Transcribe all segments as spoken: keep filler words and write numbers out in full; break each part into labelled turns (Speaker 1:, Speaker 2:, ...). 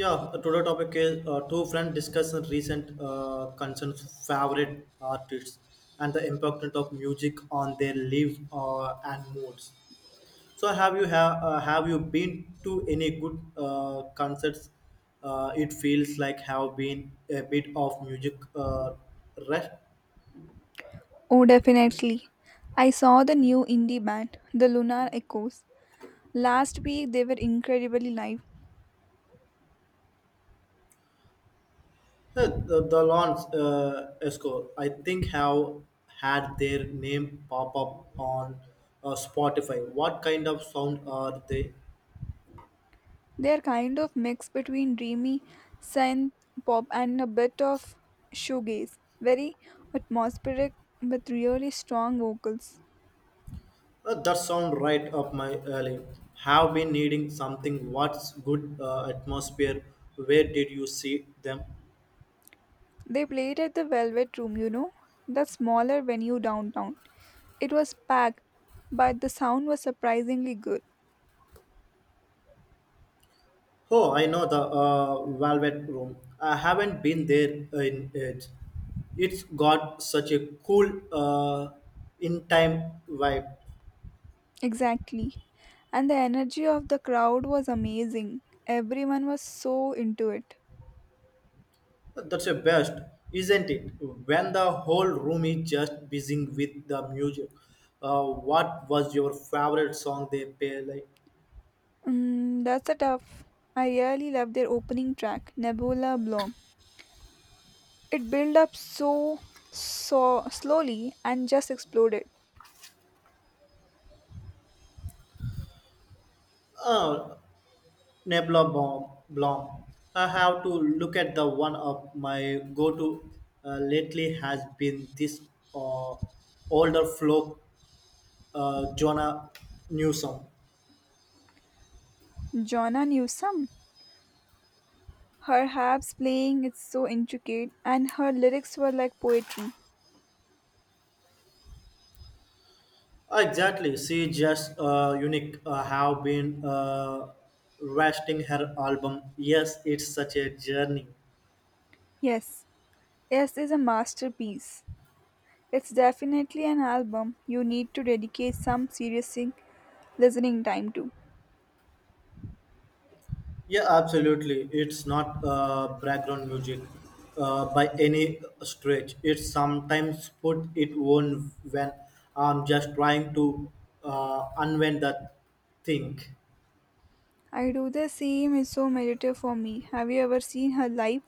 Speaker 1: Yeah, uh, today topic is uh, two friends discussing recent uh, concerns, favorite artists, and the importance of music on their lives uh, and moods. So, have you have uh, have you been to any good uh, concerts? Uh, it feels like have been a bit of music uh, rest.
Speaker 2: Oh, definitely. I saw the new indie band, the Lunar Echoes. Last week they were incredibly live.
Speaker 1: Uh, The, the Lawns uh, Esco, I think, have had their name pop up on uh, Spotify. What kind of sound are they?
Speaker 2: They are kind of mix between dreamy synth pop and a bit of shoegaze. Very atmospheric with really strong vocals.
Speaker 1: Uh, that sound right up my alley. Have been needing something. What's good uh, atmosphere? Where did you see them?
Speaker 2: They played at the Velvet Room, you know, the smaller venue downtown. It was packed, but the sound was surprisingly good.
Speaker 1: Oh, I know the uh, Velvet Room. I haven't been there in it. It's got such a cool uh, in-time vibe.
Speaker 2: Exactly. And the energy of the crowd was amazing. Everyone was so into it.
Speaker 1: That's the best, isn't it? When the whole room is just buzzing with the music. Uh, what was your favorite song they play? Like,
Speaker 2: Mm, that's a tough. I really love their opening track, Nebula Bloom. It built up so, so slowly and just exploded.
Speaker 1: uh, Nebula Blom. Blom. I have to look at the one of my go-to uh, lately has been this uh, older folk, uh, Jonah Newsom.
Speaker 2: Jonna Newsom. Her harps playing is so intricate and her lyrics were like poetry.
Speaker 1: Exactly, she just uh, unique. Uh, have been uh, resting her album. Yes, it's such a journey.
Speaker 2: Yes, yes is a masterpiece. It's definitely an album you need to dedicate some serious sing- listening time to.
Speaker 1: Yeah, absolutely. It's not uh, background music uh, by any stretch. It's sometimes put it on when I'm just trying to uh, unwind that thing.
Speaker 2: I do the same, it's so meditative for me. Have you ever seen her live?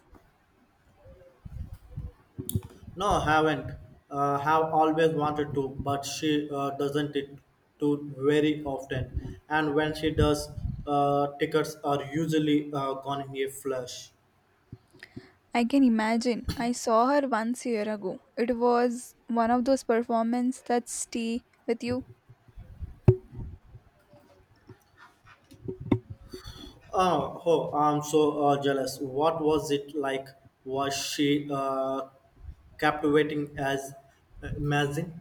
Speaker 1: No, I haven't. Uh, have always wanted to, but she uh, doesn't it too very often. And when she does, uh, tickets are usually uh, gone in a flash.
Speaker 2: I can imagine. I saw her once a year ago. It was one of those performances that stay with you.
Speaker 1: Oh, oh I'm so uh, jealous. What was it like? Was she uh, captivating as uh, amazing?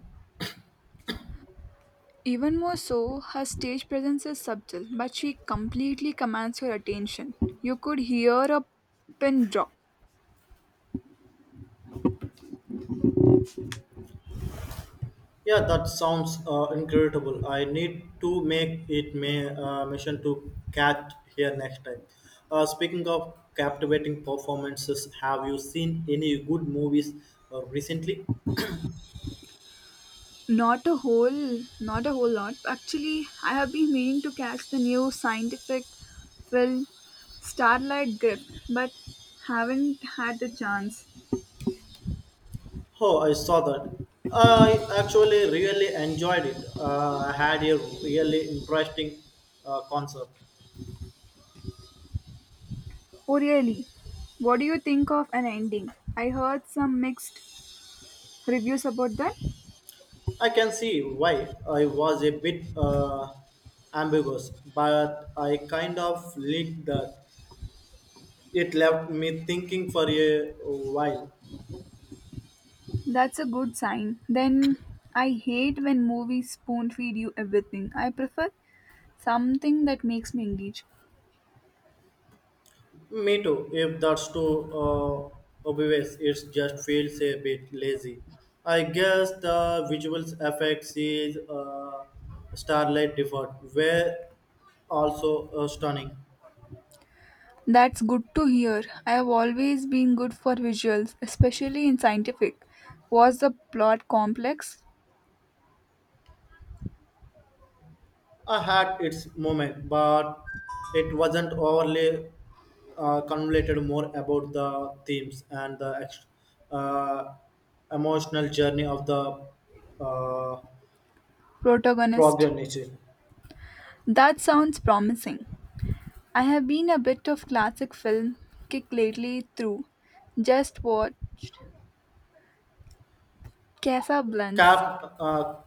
Speaker 2: Even more so, her stage presence is subtle, but she completely commands your attention. You could hear a pin drop.
Speaker 1: Yeah, that sounds uh, incredible. I need to make it my uh, mission to catch here next time. Uh, speaking of captivating performances, have you seen any good movies uh, recently?
Speaker 2: Not a whole, not a whole lot. Actually, I have been meaning to catch the new scientific film Starlight Grip, but haven't had the chance.
Speaker 1: Oh, I saw that. I actually really enjoyed it. Uh, I had a really interesting uh, concept.
Speaker 2: Oh really? What do you think of an ending? I heard some mixed reviews about that.
Speaker 1: I can see why I was a bit uh, ambiguous, but I kind of liked that. It left me thinking for a while.
Speaker 2: That's a good sign. Then I hate when movies spoon feed you everything. I prefer something that makes me engage.
Speaker 1: Me too, if that's too uh, obvious, it just feels a bit lazy. I guess the visual effects is uh, Starlight Default were also uh, stunning.
Speaker 2: That's good to hear. I have always been good for visuals, especially in scientific. Was the plot complex?
Speaker 1: I had its moment, but it wasn't overly uh, convoluted. More about the themes and the ex- uh, emotional journey of the uh,
Speaker 2: Protagonist.
Speaker 1: protagonist.
Speaker 2: That sounds promising. I have been a bit of classic film kick lately through just what Casablanca.
Speaker 1: Cap, uh,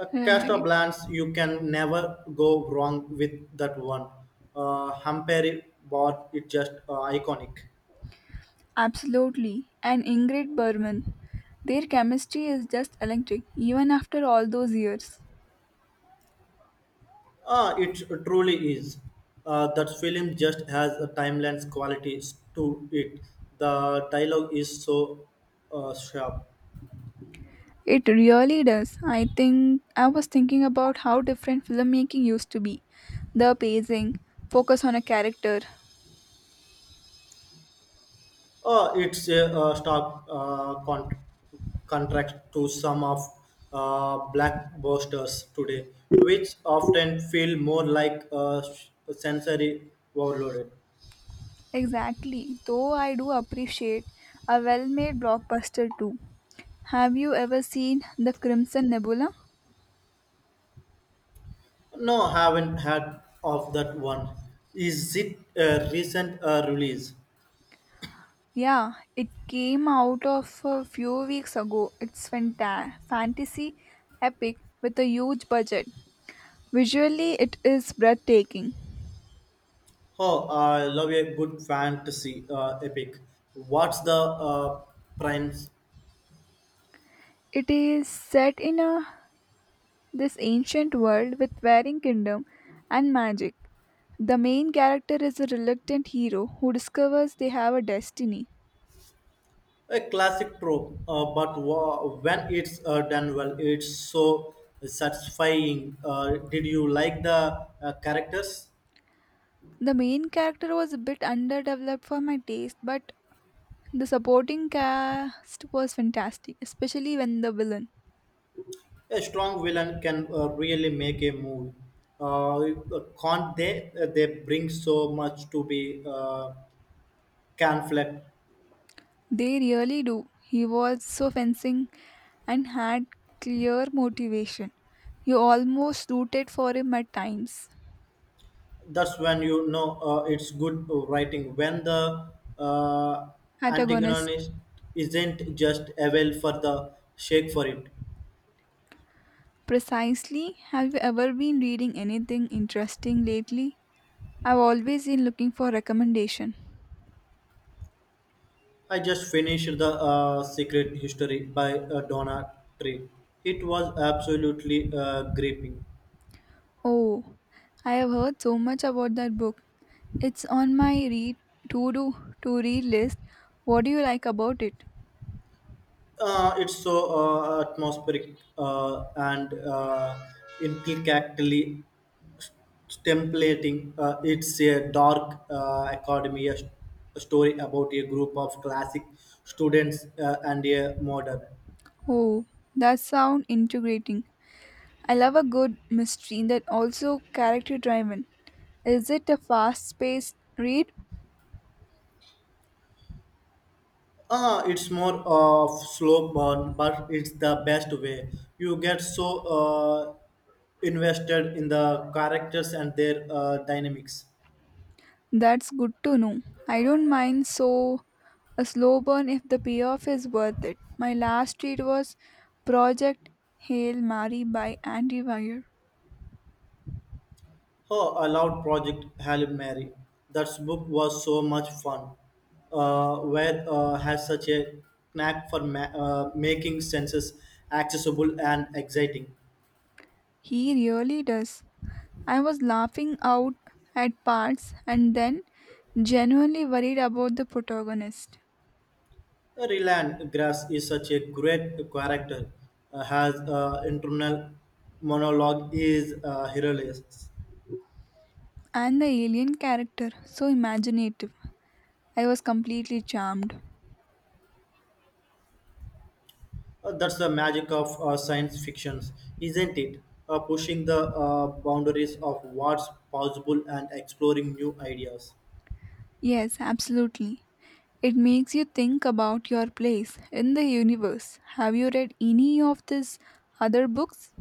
Speaker 1: uh,
Speaker 2: I have no
Speaker 1: cast of
Speaker 2: idea.
Speaker 1: Blans, you can never go wrong with that one. Uh, Humphrey, but it's just uh, iconic.
Speaker 2: Absolutely. And Ingrid Bergman. Their chemistry is just electric, even after all those years.
Speaker 1: Ah, it truly is. Uh, that film just has a timeless quality to it. The dialogue is so uh, sharp.
Speaker 2: It really does. I think I was thinking about how different filmmaking used to be. The pacing, focus on a character.
Speaker 1: Uh, it's a, uh stark uh, con- contract to some of uh, blackbusters today, which often feel more like a sensory overloaded.
Speaker 2: Exactly. Though I do appreciate a well made blockbuster too. Have you ever seen The Crimson Nebula?
Speaker 1: No, haven't had of that one. Is it a recent uh, release?
Speaker 2: Yeah, it came out of a few weeks ago. It's fanta- fantasy epic with a huge budget. Visually, it is breathtaking.
Speaker 1: Oh, I love a good fantasy uh, epic. What's the uh, premise?
Speaker 2: It is set in a this ancient world with varying kingdom and magic. The main character is a reluctant hero who discovers they have a destiny.
Speaker 1: A classic trope, uh, but wa- when it's uh, done well, it's so satisfying. Uh, did you like the uh, characters?
Speaker 2: The main character was a bit underdeveloped for my taste, but the supporting cast was fantastic, especially when the villain.
Speaker 1: A strong villain can uh, really make a move. Uh, can't they? uh, They bring so much to be uh, conflict.
Speaker 2: They really do. He was so fencing and had clear motivation. You almost rooted for him at times.
Speaker 1: That's when you know uh, it's good writing when the uh,
Speaker 2: Antagonist.
Speaker 1: antagonist isn't just avail for the shake for it.
Speaker 2: Precisely. Have you ever been reading anything interesting lately? I've always been looking for recommendation.
Speaker 1: I just finished the uh, secret history by uh, Donna Tree. It was absolutely uh, gripping.
Speaker 2: Oh, I have heard so much about that book. It's on my read to do to read list. What do you like about it?
Speaker 1: Uh, it's so uh, atmospheric uh, and uh, intricately templating. Uh, it's a dark uh, academy, a, st- a story about a group of classic students uh, and a modern.
Speaker 2: Oh, that sound integrating. I love a good mystery that also character driven. Is it a fast paced read?
Speaker 1: Ah, it's more of slow burn, but it's the best way. You get so uh, invested in the characters and their uh, dynamics.
Speaker 2: That's good to know. I don't mind so a slow burn if the payoff is worth it. My last read was Project Hail Mary by Andy Weir.
Speaker 1: Oh, I loved Project Hail Mary. That book was so much fun. Uh, Wade uh, has such a knack for ma- uh, making senses accessible and exciting.
Speaker 2: He really does. I was laughing out at parts and then genuinely worried about the protagonist
Speaker 1: Uh, Ryland Grass is such a great character. Uh, has uh, internal monologue is uh, hilarious.
Speaker 2: and the alien character, so imaginative. I was completely charmed.
Speaker 1: Uh, that's the magic of uh, science fictions, isn't it? Uh, pushing the uh, boundaries of what's possible and exploring new ideas.
Speaker 2: Yes, absolutely. It makes you think about your place in the universe. Have you read any of these other books?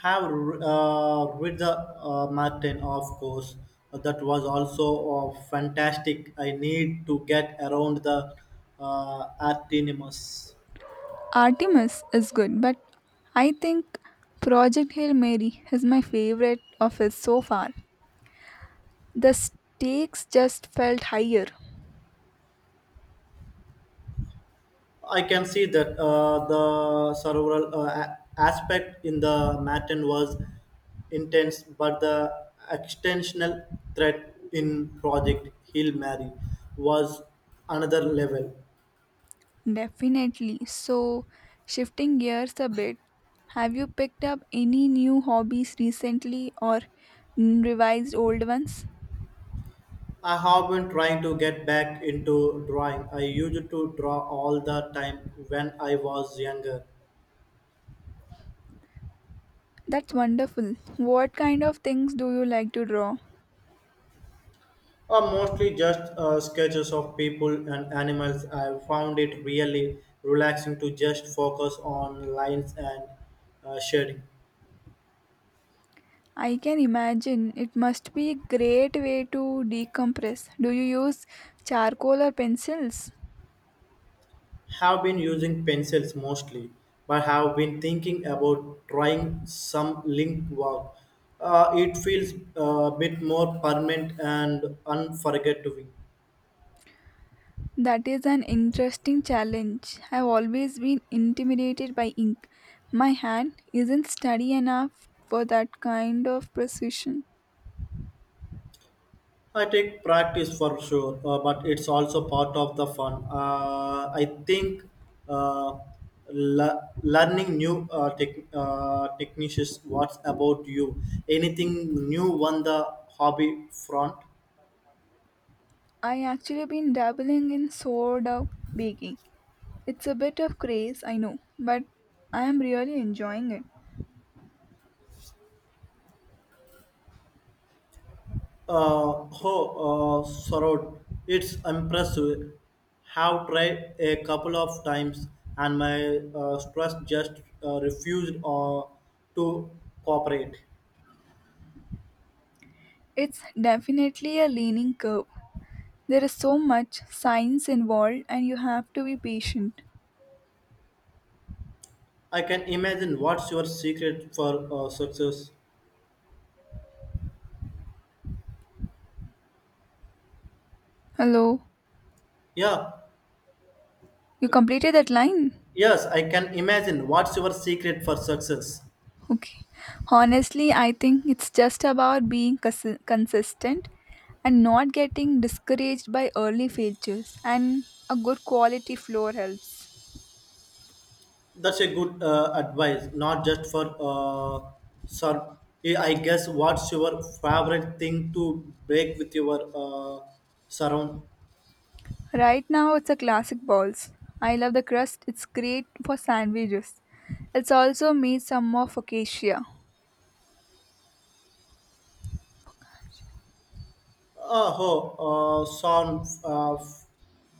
Speaker 1: Have uh, Read the uh, Martin, of course. That was also uh, fantastic. I need to get around the uh, Artinimus.
Speaker 2: Artemis is good, but I think Project Hail Mary is my favorite of his so far. The stakes just felt higher.
Speaker 1: I can see that uh, the cerebral uh, a- aspect in the Martin was intense, but the extensional threat in Project Hill Mary was another level.
Speaker 2: Definitely. So, shifting gears a bit, have you picked up any new hobbies recently or mm, revised old ones?
Speaker 1: I have been trying to get back into drawing. I used to draw all the time when I was younger,
Speaker 2: That's wonderful. What kind of things do you like to draw?
Speaker 1: or mostly just uh, sketches of people and animals. I found it really relaxing to just focus on lines and uh, shading.
Speaker 2: I can imagine it must be a great way to decompress. Do you use charcoal or pencils?
Speaker 1: Have been using pencils mostly, but have been thinking about trying some link work. Uh, it feels uh, a bit more permanent and unforgettable.
Speaker 2: That is an interesting challenge. I've always been intimidated by ink. My hand isn't steady enough for that kind of precision.
Speaker 1: I take practice for sure, uh, but it's also part of the fun. Uh, I think uh, le- learning new uh, tech uh, techniques. What's about you? Anything new on the hobby front?
Speaker 2: I actually been dabbling in sourdough baking. It's a bit of craze, I know, but I am really enjoying it.
Speaker 1: Uh, oh, uh, Sarod, it's impressive. Have tried a couple of times, and my uh, stress just uh, refused uh, to cooperate.
Speaker 2: It's definitely a leaning curve. There is so much science involved and you have to be patient.
Speaker 1: I can imagine what's your secret for uh, success.
Speaker 2: Hello,
Speaker 1: Yeah,
Speaker 2: you completed that line?
Speaker 1: yes, I can imagine what's your secret for success.
Speaker 2: Okay. Honestly, I think it's just about being cons- consistent and not getting discouraged by early failures and a good quality floor helps.
Speaker 1: That's a good uh, advice, not just for uh, sir. Yeah, I guess what's your favorite thing to break with your uh, surround?
Speaker 2: Right now it's a classic balls. I love the crust. It's great for sandwiches. It's also made some more focaccia.
Speaker 1: Oh, oh uh, sound uh,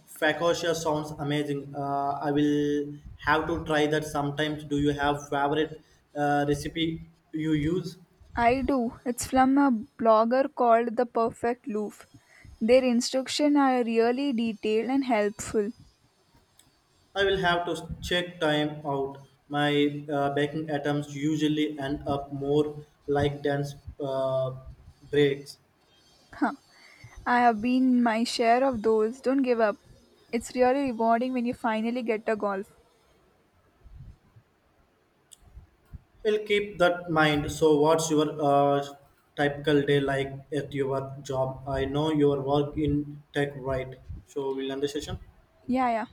Speaker 1: Facosia sounds amazing. Uh, I will have to try that sometimes. Do you have favorite uh, recipe you use?
Speaker 2: I do. It's from a blogger called The Perfect Loaf. Their instructions are really detailed and helpful.
Speaker 1: I will have to check time out. My uh, baking items usually end up more like dance uh, breaks.
Speaker 2: I have been my share of those. Don't give up. It's really rewarding when you finally get a golf.
Speaker 1: I'll keep that in mind. So, what's your uh, typical day like at your job? I know your work in tech, right? So, we'll end the session.
Speaker 2: Yeah, yeah.